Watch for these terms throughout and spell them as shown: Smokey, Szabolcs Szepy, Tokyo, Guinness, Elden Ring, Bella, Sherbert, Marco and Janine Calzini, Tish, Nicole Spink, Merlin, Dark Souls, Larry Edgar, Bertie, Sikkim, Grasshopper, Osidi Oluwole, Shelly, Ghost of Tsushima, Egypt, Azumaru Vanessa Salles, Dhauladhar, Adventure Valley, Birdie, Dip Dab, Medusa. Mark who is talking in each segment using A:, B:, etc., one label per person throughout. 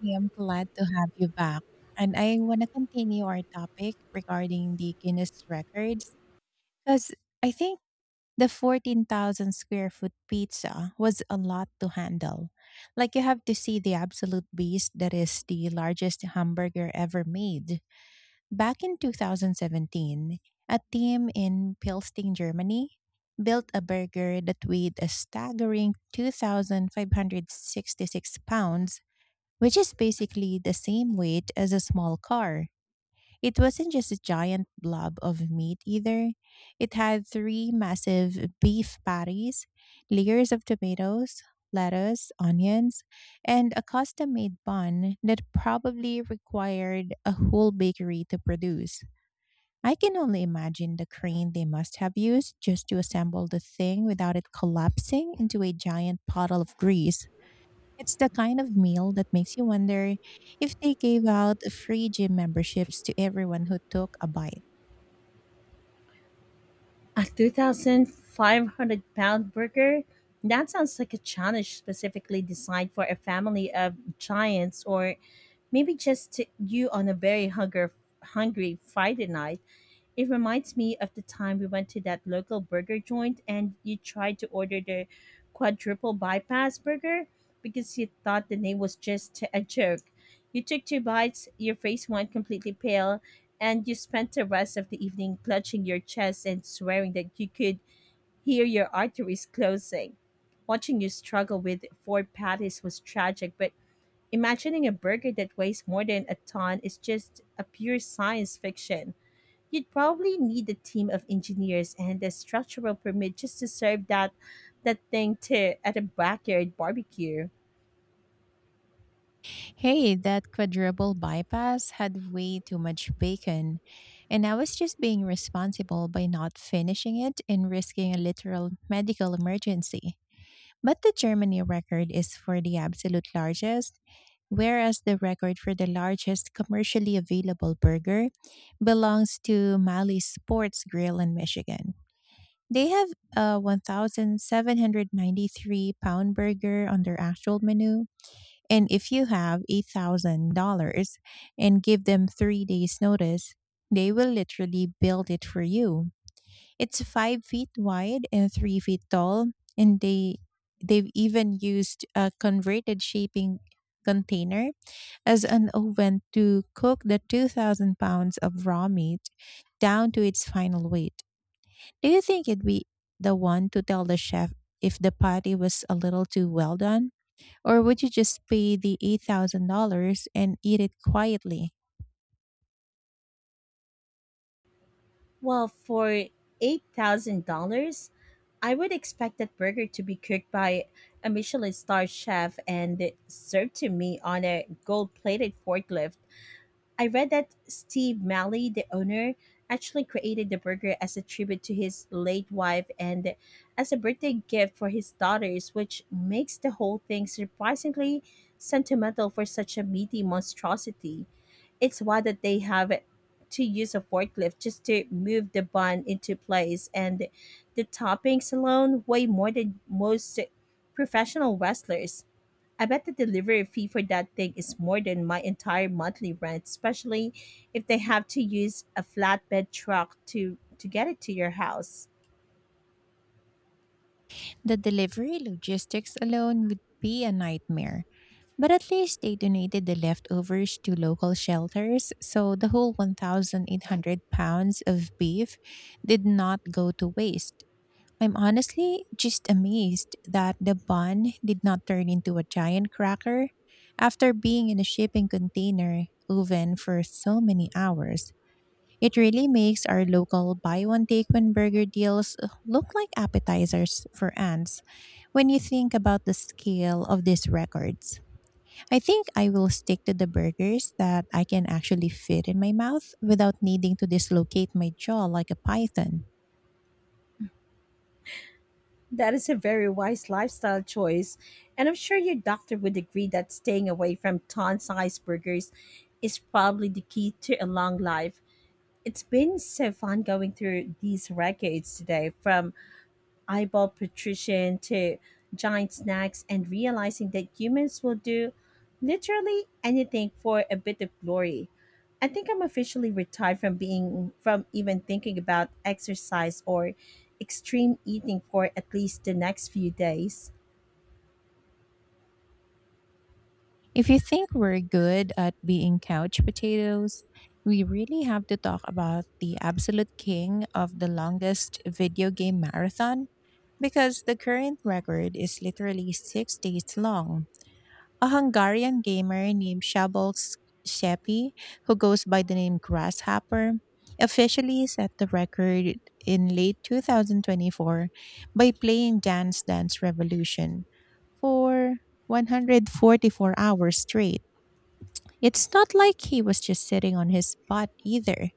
A: Hey, I'm glad to have you back. And I want to continue our topic regarding the Guinness records because I think the 14,000 square foot pizza was a lot to handle. Like, you have to see the absolute beast that is the largest hamburger ever made. Back in 2017, a team in Pilstein, Germany, built a burger that weighed a staggering 2,566 pounds, which is basically the same weight as a small car. It wasn't just a giant blob of meat either. It had three massive beef patties, layers of tomatoes, lettuce, onions, and a custom made bun that probably required a whole bakery to produce. I can only imagine the crane they must have used just to assemble the thing without it collapsing into a giant puddle of grease. It's the kind of meal that makes you wonder if they gave out free gym memberships to everyone who took a bite.
B: A 2,500 pound burger? That sounds like a challenge specifically designed for a family of giants, or maybe just to you on a very hungry Friday night. It reminds me of the time we went to that local burger joint and you tried to order the quadruple bypass burger because you thought the name was just a joke. You took two bites, your face went completely pale, and you spent the rest of the evening clutching your chest and swearing that you could hear your arteries closing. Watching you struggle with four patties was tragic, but imagining a burger that weighs more than a ton is just a pure science fiction. You'd probably need a team of engineers and a structural permit just to serve that thing to at a backyard barbecue.
A: Hey, that quadruple bypass had way too much bacon, and I was just being responsible by not finishing it and risking a literal medical emergency. But the Germany record is for the absolute largest, whereas the record for the largest commercially available burger belongs to Mali Sports Grill in Michigan. They have a 1,793 pound burger on their actual menu. And if you have $8,000 and give them 3 days' notice, they will literally build it for you. It's 5 feet wide and 3 feet tall, and they've even used a converted shaping container as an oven to cook the 2,000 pounds of raw meat down to its final weight. Do you think it'd be the one to tell the chef if the patty was a little too well done, or would you just pay the $8,000 and eat it quietly?
B: Well, for $8,000, I would expect that burger to be cooked by a Michelin star chef and served to me on a gold plated forklift. I read that Steve Malley, the owner, actually created the burger as a tribute to his late wife and as a birthday gift for his daughters, which makes the whole thing surprisingly sentimental for such a meaty monstrosity. It's wild that they have to use a forklift just to move the bun into place, and the toppings alone weigh more than most professional wrestlers. I bet the delivery fee for that thing is more than my entire monthly rent, especially if they have to use a flatbed truck to get it to your house.
A: The delivery logistics alone would be a nightmare. But at least they donated the leftovers to local shelters, so the whole 1,800 pounds of beef did not go to waste. I'm honestly just amazed that the bun did not turn into a giant cracker after being in a shipping container oven for so many hours. It really makes our local buy one take one burger deals look like appetizers for ants when you think about the scale of these records. I think I will stick to the burgers that I can actually fit in my mouth without needing to dislocate my jaw like a python.
B: That is a very wise lifestyle choice, and I'm sure your doctor would agree that staying away from ton sized burgers is probably the key to a long life. It's been so fun going through these records today, from eyeball patrician to giant snacks, and realizing that humans will do literally anything for a bit of glory. I think I'm officially retired from being from even thinking about exercise or extreme eating for at least the next few days.
A: If you think we're good at being couch potatoes, we really have to talk about the absolute king of the longest video game marathon because the current record is literally 6 days long. A Hungarian gamer named Szabolcs Szepy, who goes by the name Grasshopper, officially set the record in late 2024 by playing Dance Dance Revolution for 144 hours straight. It's not like he was just sitting on his butt either.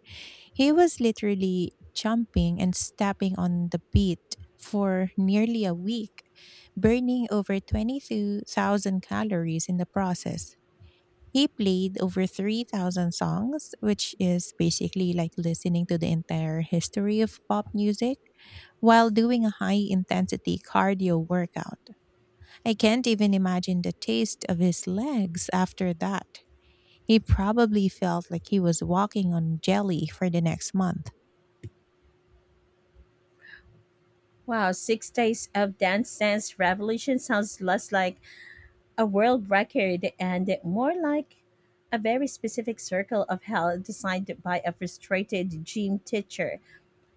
A: He was literally jumping and stepping on the beat for nearly a week, burning over 22,000 calories in the process. He played over 3,000 songs, which is basically like listening to the entire history of pop music while doing a high intensity cardio workout. I can't even imagine the taste of his legs after that. He probably felt like he was walking on jelly for the next month.
B: Wow, 6 days of dance dance revolution sounds less like a world record and more like a very specific circle of hell designed by a frustrated gym teacher.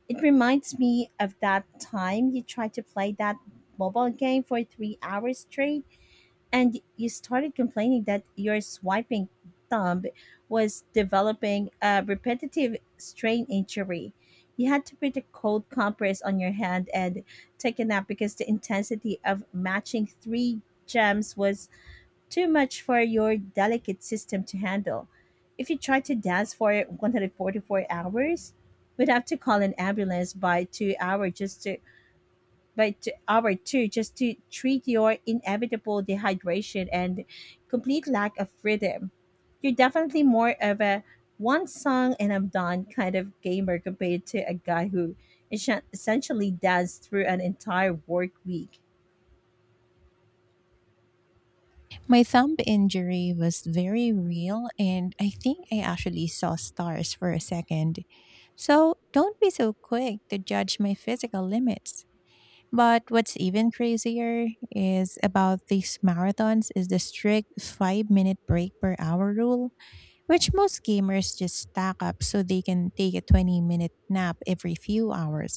B: It reminds me of that time you tried to play that mobile game for 3 hours straight, and you started complaining that your swiping thumb was developing a repetitive strain injury. You had to put a cold compress on your hand and take a nap because the intensity of matching three gems was too much for your delicate system to handle. If you tried to dance for 144 hours, we'd have to call an ambulance by two, hour 2 just to treat your inevitable dehydration and complete lack of rhythm. You're definitely more of a one song and I'm done kind of gamer compared to a guy who essentially danced through an entire work week.
A: My thumb injury was very real, and I think I actually saw stars for a second. So don't be so quick to judge my physical limits. But what's even crazier is about these marathons is the strict 5-minute break per hour rule, which most gamers just stack up so they can take a 20-minute nap every few hours.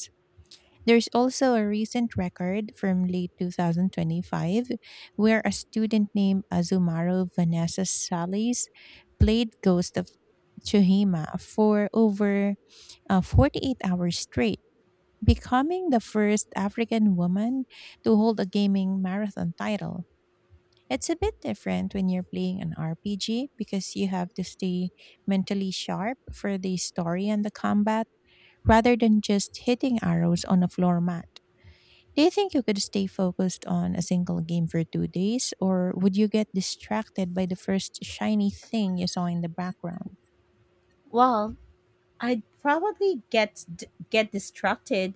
A: There's also a recent record from late 2025 where a student named Azumaru Vanessa Salles played Ghost of Tsushima for over 48 hours straight, becoming the first African woman to hold a gaming marathon title. It's a bit different when you're playing an RPG because you have to stay mentally sharp for the story and the combat rather than just hitting arrows on a floor mat. Do you think you could stay focused on a single game for 2 days, or would you get distracted by the first shiny thing you saw in the background?
B: Well, I'd probably get get distracted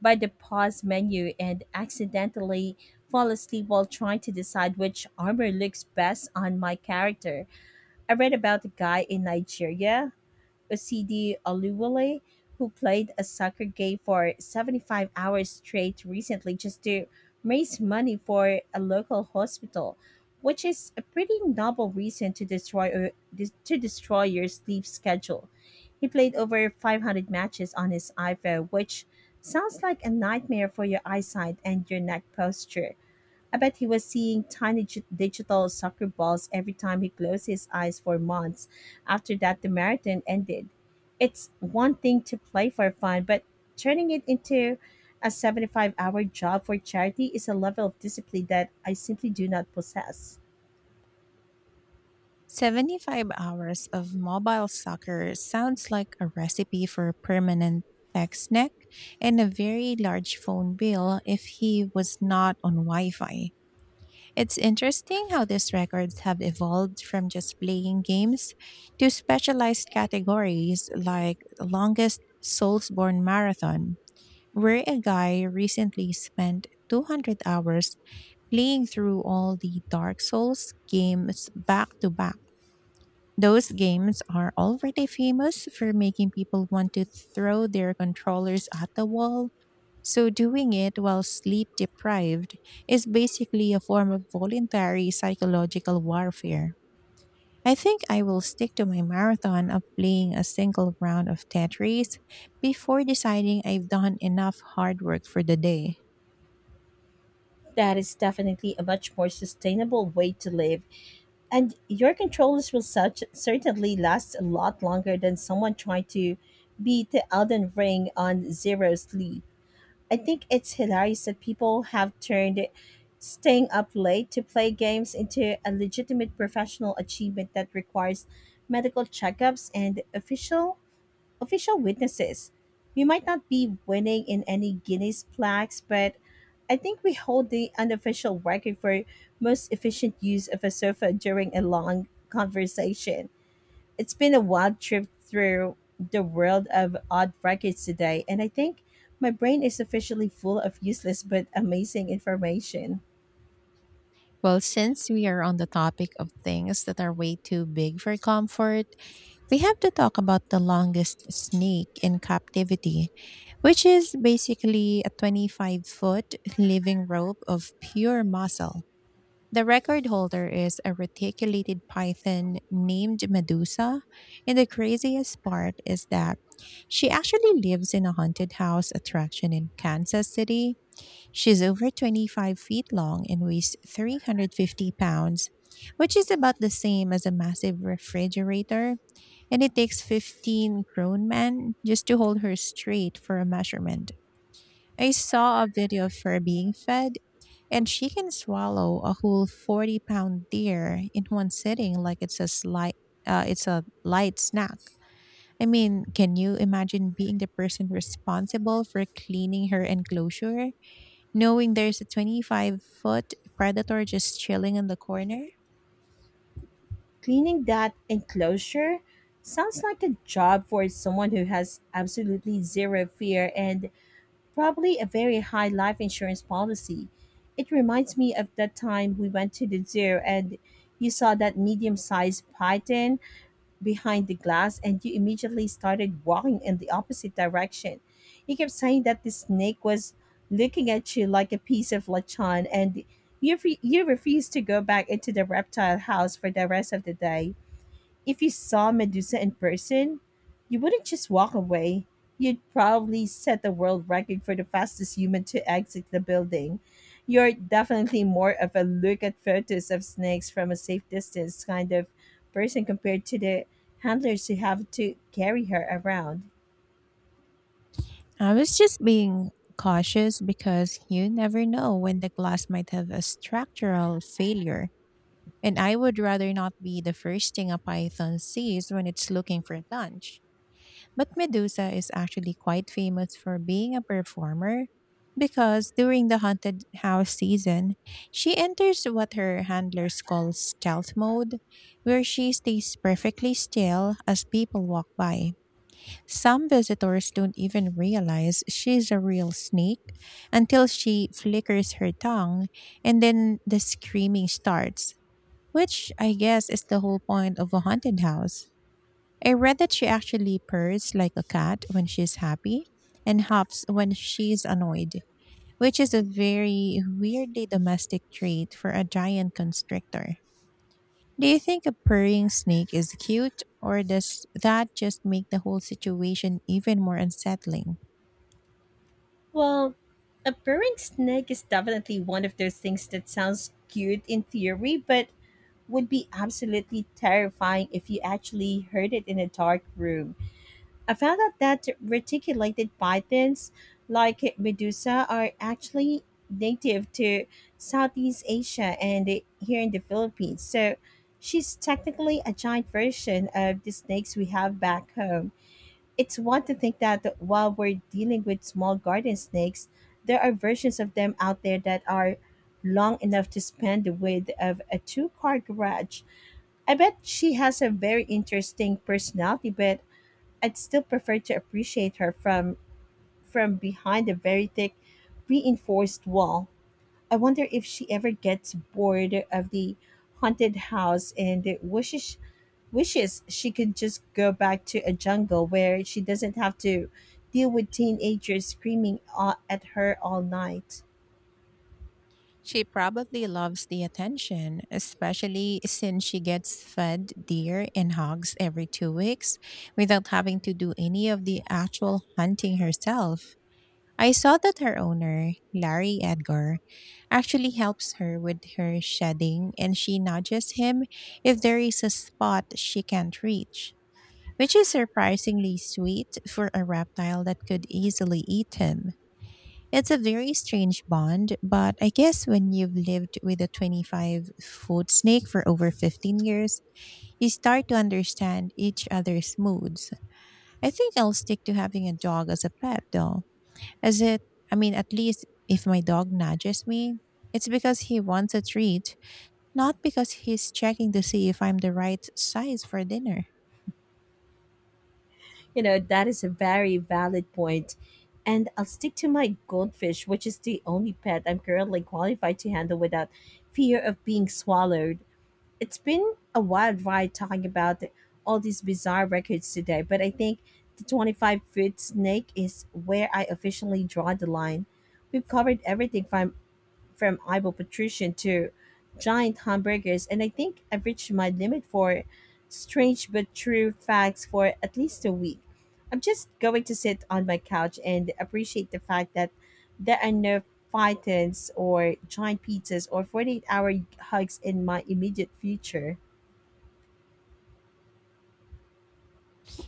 B: by the pause menu and accidentally fall asleep while trying to decide which armor looks best on my character. I read about a guy in Nigeria, Osidi Oluwole, who played a soccer game for 75 hours straight recently just to raise money for a local hospital, which is a pretty noble reason to destroy your sleep schedule. He played over 500 matches on his iPhone, which sounds like a nightmare for your eyesight and your neck posture. I bet he was seeing tiny digital soccer balls every time he closed his eyes for months after that the marathon ended. It's one thing to play for fun, but turning it into a 75-hour job for charity is a level of discipline that I simply do not possess.
A: 75 hours of mobile soccer sounds like a recipe for permanent text neck and a very large phone bill if he was not on Wi Fi. It's interesting how these records have evolved from just playing games to specialized categories like longest Soulsborne marathon, where a guy recently spent 200 hours playing through all the Dark Souls games back to back. Those games are already famous for making people want to throw their controllers at the wall, so doing it while sleep deprived is basically a form of voluntary psychological warfare. I think I will stick to my marathon of playing a single round of Tetris before deciding I've done enough hard work for the day.
B: That is definitely a much more sustainable way to live, and your controllers will such certainly last a lot longer than someone trying to beat the Elden Ring on Zero's lead. I think it's hilarious that people have turned staying up late to play games into a legitimate professional achievement that requires medical checkups and official witnesses. We might not be winning in any Guinness plaques, but I think we hold the unofficial record for most efficient use of a sofa during a long conversation. It's been a wild trip through the world of odd records today, and I think my brain is officially full of useless but amazing information.
A: Well, since we are on the topic of things that are way too big for comfort, we have to talk about the longest snake in captivity, which is basically a 25-foot living rope of pure muscle. The record holder is a reticulated python named Medusa, and the craziest part is that she actually lives in a haunted house attraction in Kansas City. She's over 25 feet long and weighs 350 pounds, which is about the same as a massive refrigerator, and it takes 15 grown men just to hold her straight for a measurement. I saw a video of her being fed, and she can swallow a whole 40 pound deer in one sitting like it's a slight. It's a light snack. I mean, can you imagine being the person responsible for cleaning her enclosure, knowing there's a 25-foot predator just chilling in the corner?
B: Cleaning that enclosure sounds like a job for someone who has absolutely zero fear and probably a very high life insurance policy. It reminds me of that time we went to the zoo and you saw that medium sized python behind the glass, and you immediately started walking in the opposite direction. He kept saying that the snake was looking at you like a piece of lechon, and you refused to go back into the reptile house for the rest of the day. If you saw Medusa in person, you wouldn't just walk away. You'd probably set the world record for the fastest human to exit the building. You're definitely more of a look at photos of snakes from a safe distance kind of person compared to the handlers who have to carry her around.
A: I was just being cautious because you never know when the glass might have a structural failure. And I would rather not be the first thing a python sees when it's looking for lunch. But Medusa is actually quite famous for being a performer because during the haunted house season, she enters what her handlers call stealth mode, where she stays perfectly still as people walk by. Some visitors don't even realize she's a real snake until she flickers her tongue, and then the screaming starts, which I guess is the whole point of a haunted house. I read that she actually purrs like a cat when she's happy and hops when she's annoyed, which is a very weirdly domestic trait for a giant constrictor. Do you think a purring snake is cute, or does that just make the whole situation even more unsettling?
B: Well, a purring snake is definitely one of those things that sounds cute in theory, but would be absolutely terrifying if you actually heard it in a dark room. I found out that reticulated pythons, like Medusa, are actually native to Southeast Asia and here in the Philippines. So she's technically a giant version of the snakes we have back home. It's one to think that while we're dealing with small garden snakes, there are versions of them out there that are long enough to span the width of a two car garage. I bet she has a very interesting personality, but I'd still prefer to appreciate her from behind a very thick reinforced wall. I wonder if she ever gets bored of the haunted house and wishes she could just go back to a jungle where she doesn't have to deal with teenagers screaming at her all night.
A: She probably loves the attention, especially since she gets fed deer and hogs every 2 weeks without having to do any of the actual hunting herself. I saw that her owner, Larry Edgar, actually helps her with her shedding, and she nudges him if there is a spot she can't reach, which is surprisingly sweet for a reptile that could easily eat him. It's a very strange bond, but I guess when you've lived with a 25-foot snake for over 15 years, you start to understand each other's moods. I think I'll stick to having a dog as a pet though. As it, I mean, at least if my dog nudges me, it's because he wants a treat, not because he's checking to see if I'm the right size for dinner.
B: You know, that is a very valid point. And I'll stick to my goldfish, which is the only pet I'm currently qualified to handle without fear of being swallowed. It's been a wild ride talking about all these bizarre records today, but I think the 25-foot snake is where I officially draw the line. We've covered everything from eyeball patrician to giant hamburgers, and I think I've reached my limit for strange but true facts for at least a week. I'm just going to sit on my couch and appreciate the fact that there are no pythons or giant pizzas or 48-hour hugs in my immediate future.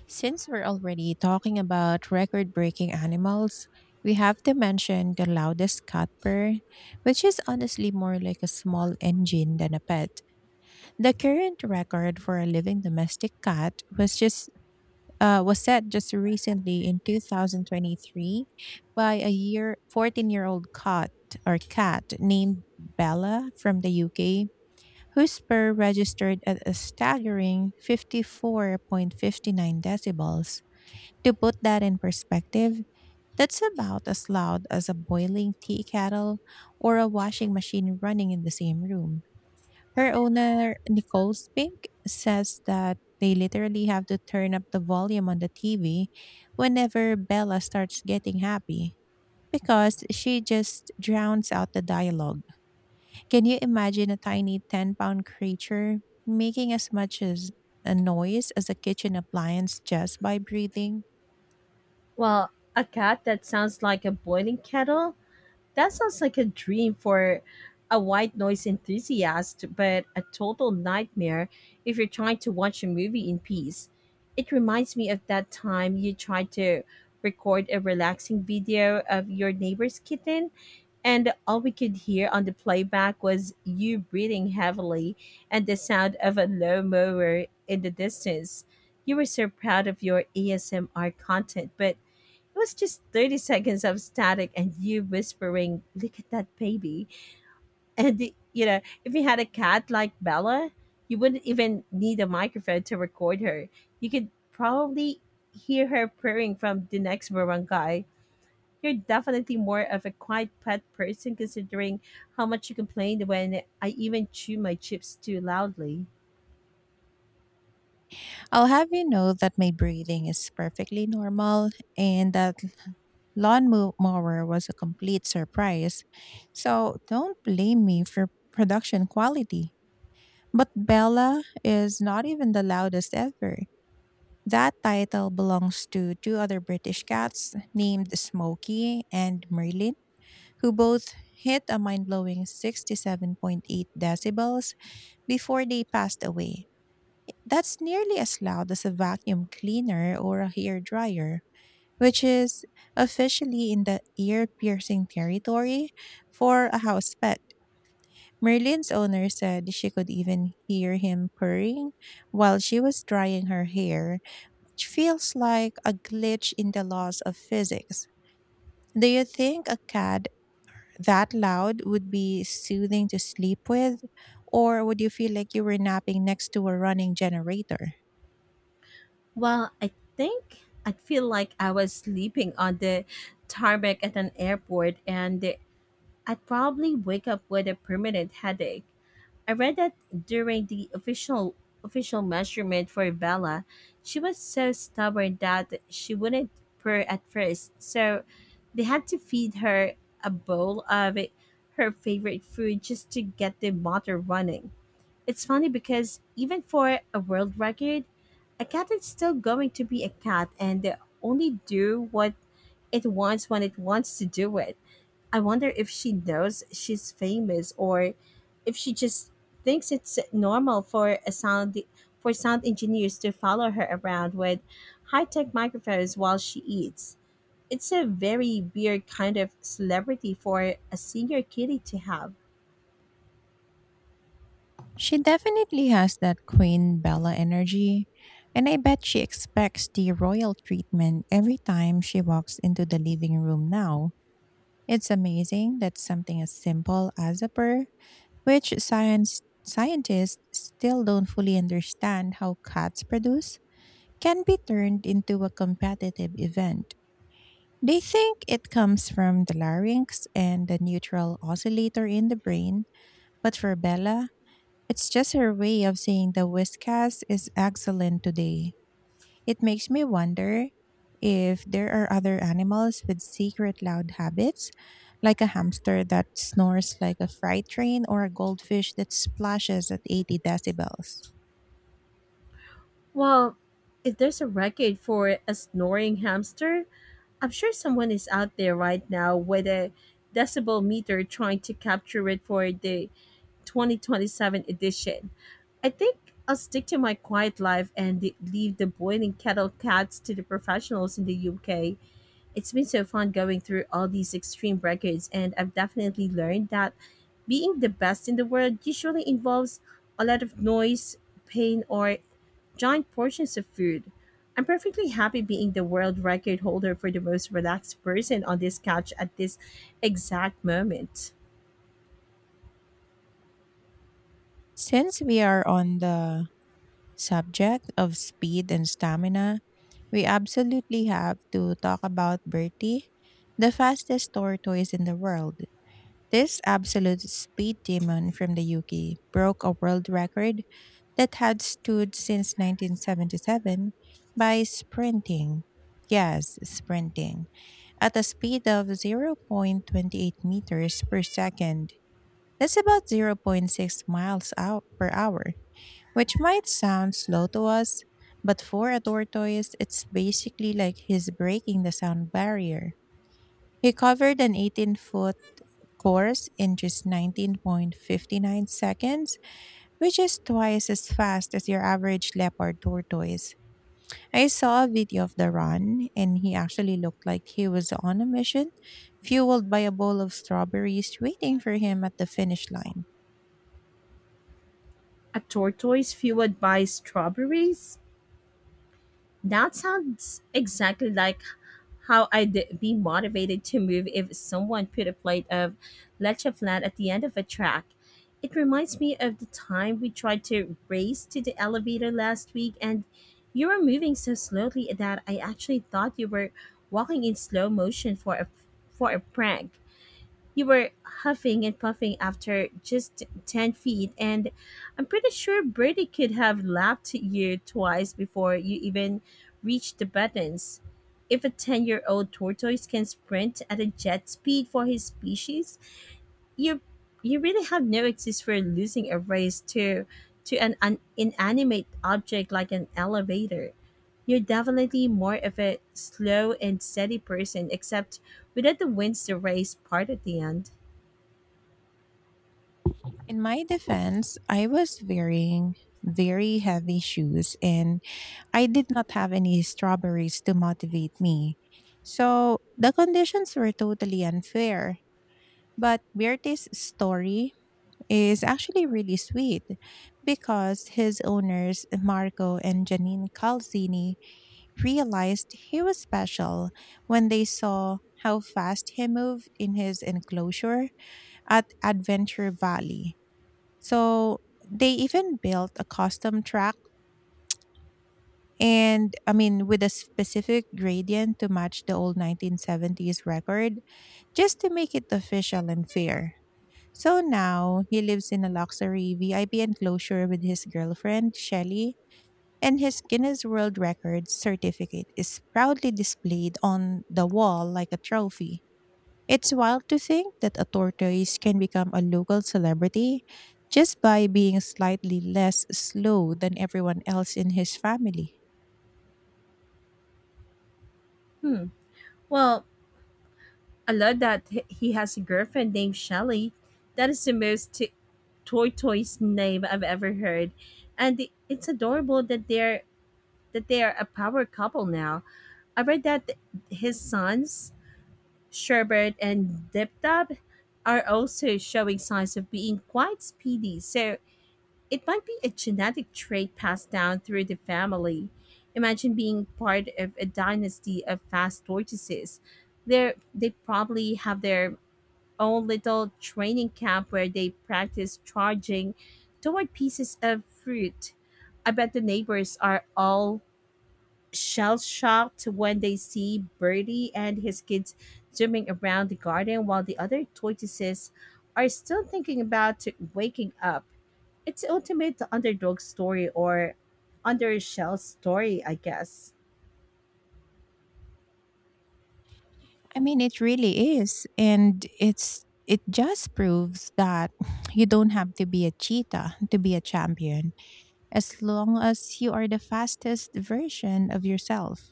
A: Since we're already talking about record breaking animals, we have to mention the loudest cutper, which is honestly more like a small engine than a pet. The current record for a living domestic cat was just was set just recently in 2023 by a year 14-year-old cat named Bella from the UK, whose purr registered at a staggering 54.59 decibels. To put that in perspective, that's about as loud as a boiling tea kettle or a washing machine running in the same room. Her owner, Nicole Spink, says that they literally have to turn up the volume on the TV whenever Bella starts getting happy because she just drowns out the dialogue. Can you imagine a tiny 10 pound creature making as much as a noise as a kitchen appliance just by breathing?
B: Well, a cat that sounds like a boiling kettle. That sounds like a dream for a white noise enthusiast, but a total nightmare if you're trying to watch a movie in peace. It reminds me of that time you tried to record a relaxing video of your neighbor's kitten, and all we could hear on the playback was you breathing heavily and the sound of a low mower in the distance. You were so proud of your ASMR content, but it was just 30 seconds of static and you whispering, "Look at that baby." And, if you had a cat like Bella, you wouldn't even need a microphone to record her. You could probably hear her purring from the next barangay. You're definitely more of a quiet pet person, considering how much you complained when I even chew my chips too loudly.
A: I'll have you know that my breathing is perfectly normal, and that mower was a complete surprise. So don't blame me for production quality. But Bella is not even the loudest ever. That title belongs to two other British cats named Smokey and Merlin, who both hit a mind blowing 67.8 decibels before they passed away. That's nearly as loud as a vacuum cleaner or a hair dryer, which is officially in the ear piercing territory for a house pet. Merlin's owner said she could even hear him purring while she was drying her hair, which feels like a glitch in the laws of physics. Do you think a cat that loud would be soothing to sleep with? Or would you feel like you were napping next to a running generator?
B: Well, I think I'd feel like I was sleeping on the tarmac at an airport, and I'd probably wake up with a permanent headache. I read that during the official measurement for Bella, she was so stubborn that she wouldn't purr at first. So they had to feed her a bowl of her favorite food just to get the motor running. It's funny because even for a world record, a cat is still going to be a cat and only do what it wants when it wants to do it. I wonder if she knows she's famous, or if she just thinks it's normal for sound engineers to follow her around with high-tech microphones while she eats. It's a very weird kind of celebrity for a senior kitty to have.
A: She definitely has that Queen Bella energy, and I bet she expects the royal treatment every time she walks into the living room now. It's amazing that something as simple as a purr, which science scientists still don't fully understand how cats produce, can be turned into a competitive event. They think it comes from the larynx and the neutral oscillator in the brain, but for Bella, it's just her way of saying the whiskas is excellent today. It makes me wonder if there are other animals with secret loud habits, like a hamster that snores like a freight train or a goldfish that splashes at 80 decibels.
B: Well, if there's a record for a snoring hamster, I'm sure someone is out there right now with a decibel meter trying to capture it for the 2027 edition. I think I'll stick to my quiet life and leave the boiling kettle cats to the professionals in the UK. It's been so fun going through all these extreme records, and I've definitely learned that being the best in the world usually involves a lot of noise, pain, or giant portions of food. I'm perfectly happy being the world record holder for the most relaxed person on this couch at this exact moment.
A: Since we are on the subject of speed and stamina, we absolutely have to talk about Bertie, the fastest tortoise in the world. This absolute speed demon from the UK broke a world record that had stood since 1977 by sprinting. Yes, sprinting. At a speed of 0.28 meters per second. That's about zero point 0.6 miles out per hour, which might sound slow to us, but for a tortoise, it's basically like he's breaking the sound barrier. He covered an 18-foot course in just 19.59 seconds, which is twice as fast as your average leopard tortoise. I saw a video of the run, and he actually looked like he was on a mission, fueled by a bowl of strawberries waiting for him at the finish line.
B: A tortoise fueled by strawberries? That sounds exactly like how I'd be motivated to move if someone put a plate of leche flat at the end of a track. It reminds me of the time we tried to race to the elevator last week, and you were moving so slowly that I actually thought you were walking in slow motion for a prank. You were huffing and puffing after just 10 feet, and I'm pretty sure Birdie could have lapped you twice before you even reached the buttons. If a 10-year-old tortoise can sprint at a jet speed for his species, you, you really have no excuse for losing a race to an inanimate object like an elevator. You're definitely more of a slow and steady person, except without the wins the race part at the end.
A: In my defense, I was wearing very heavy shoes and I did not have any strawberries to motivate me, so the conditions were totally unfair. But Bertie's story is actually really sweet because his owners, Marco and Janine Calzini, realized he was special when they saw how fast he moved in his enclosure at Adventure Valley. So they even built a custom track, and I mean with a specific gradient to match the old 1970s record just to make it official and fair. So now he lives in a luxury VIP enclosure with his girlfriend, Shelly, and his Guinness World Records certificate is proudly displayed on the wall like a trophy. It's wild to think that a tortoise can become a local celebrity just by being slightly less slow than everyone else in his family.
B: Hmm. Well, I love that he has a girlfriend named Shelly. That is the most toy toy's name I've ever heard, and it's adorable that they're that they are a power couple now. I read that his sons Sherbert and Dip Dab are also showing signs of being quite speedy. So it might be a genetic trait passed down through the family. Imagine being part of a dynasty of fast tortoises. They probably have their own little training camp where they practice charging toward pieces of fruit. I bet the neighbors are all shell shocked when they see Birdie and his kids zooming around the garden while the other tortoises are still thinking about waking up. It's the ultimate underdog story, or under a shell story, I guess.
A: I mean, it really is. And it just proves that you don't have to be a cheetah to be a champion, as long as you are the fastest version of yourself.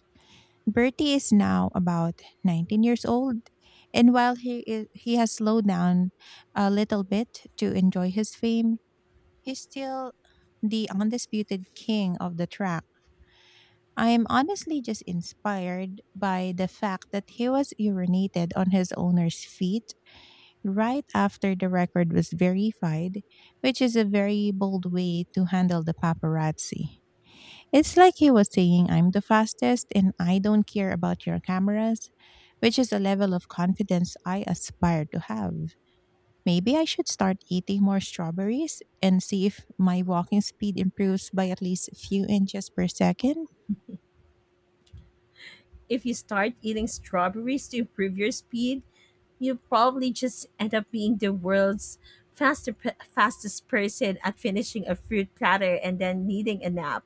A: Bertie is now about 19 years old, and he has slowed down a little bit to enjoy his fame, he's still the undisputed king of the track. I am honestly just inspired by the fact that he was urinated on his owner's feet right after the record was verified, which is a very bold way to handle the paparazzi. It's like he was saying, I'm the fastest and I don't care about your cameras, which is a level of confidence I aspire to have. Maybe I should start eating more strawberries and see if my walking speed improves by at least a few inches per second.
B: If you start eating strawberries to improve your speed, you probably just end up being the world's faster, fastest person at finishing a fruit platter and then needing a nap.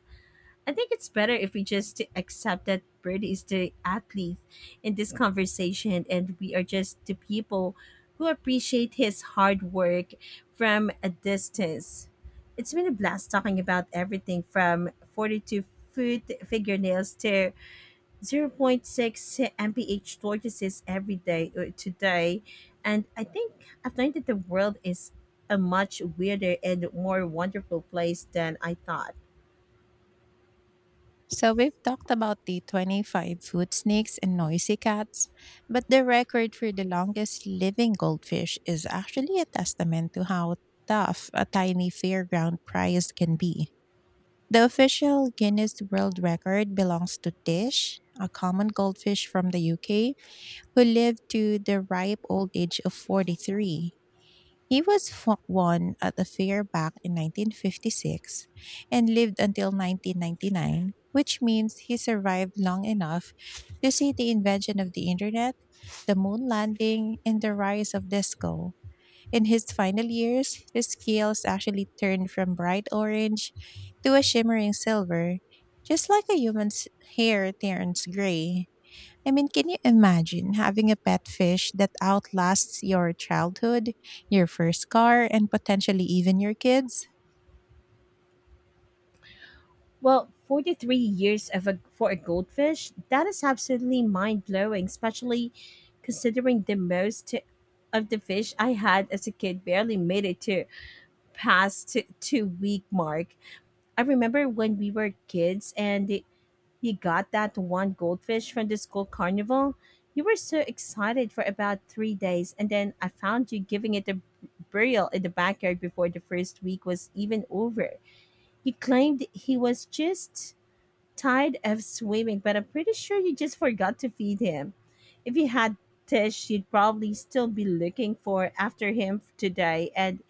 B: I think it's better if we just accept that Bird is the athlete in this conversation, and we are just the people who appreciate his hard work from a distance. It's been a blast talking about everything from 42-foot fingernails to zero point 0.6 mph tortoises every day today. And I think I've learned that the world is a much weirder and more wonderful place than I thought.
A: So, we've talked about the 25-foot snakes and noisy cats, but the record for the longest living goldfish is actually a testament to how tough a tiny fairground prize can be. The official Guinness World Record belongs to Tish, a common goldfish from the UK, who lived to the ripe old age of 43. He was won at a fair back in 1956 and lived until 1999, which means he survived long enough to see the invention of the internet, the moon landing, and the rise of disco. In his final years, his scales actually turned from bright orange to a shimmering silver, just like a human's hair turns gray. I mean, can you imagine having a pet fish that outlasts your childhood, your first car, and potentially even your kids?
B: Well, 43 years for a goldfish, that is absolutely mind blowing, especially considering the most of the fish I had as a kid barely made it to past 2-week mark. I remember when we were kids, and you got that one goldfish from the school carnival. You were so excited for about 3 days, and then I found you giving it a burial in the backyard before the first week was even over. You claimed he was just tired of swimming, but I'm pretty sure you just forgot to feed him. If you had Tish, you'd probably still be looking for after him today, and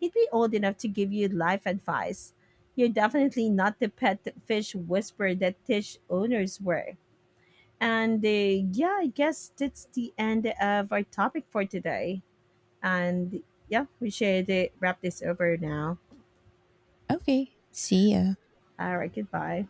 B: he'd be old enough to give you life advice. You're definitely not the pet fish whisperer that Tish owners were. And yeah, I guess that's the end of our topic for today. And yeah, we should wrap this over now.
A: Okay, see ya.
B: All right, goodbye.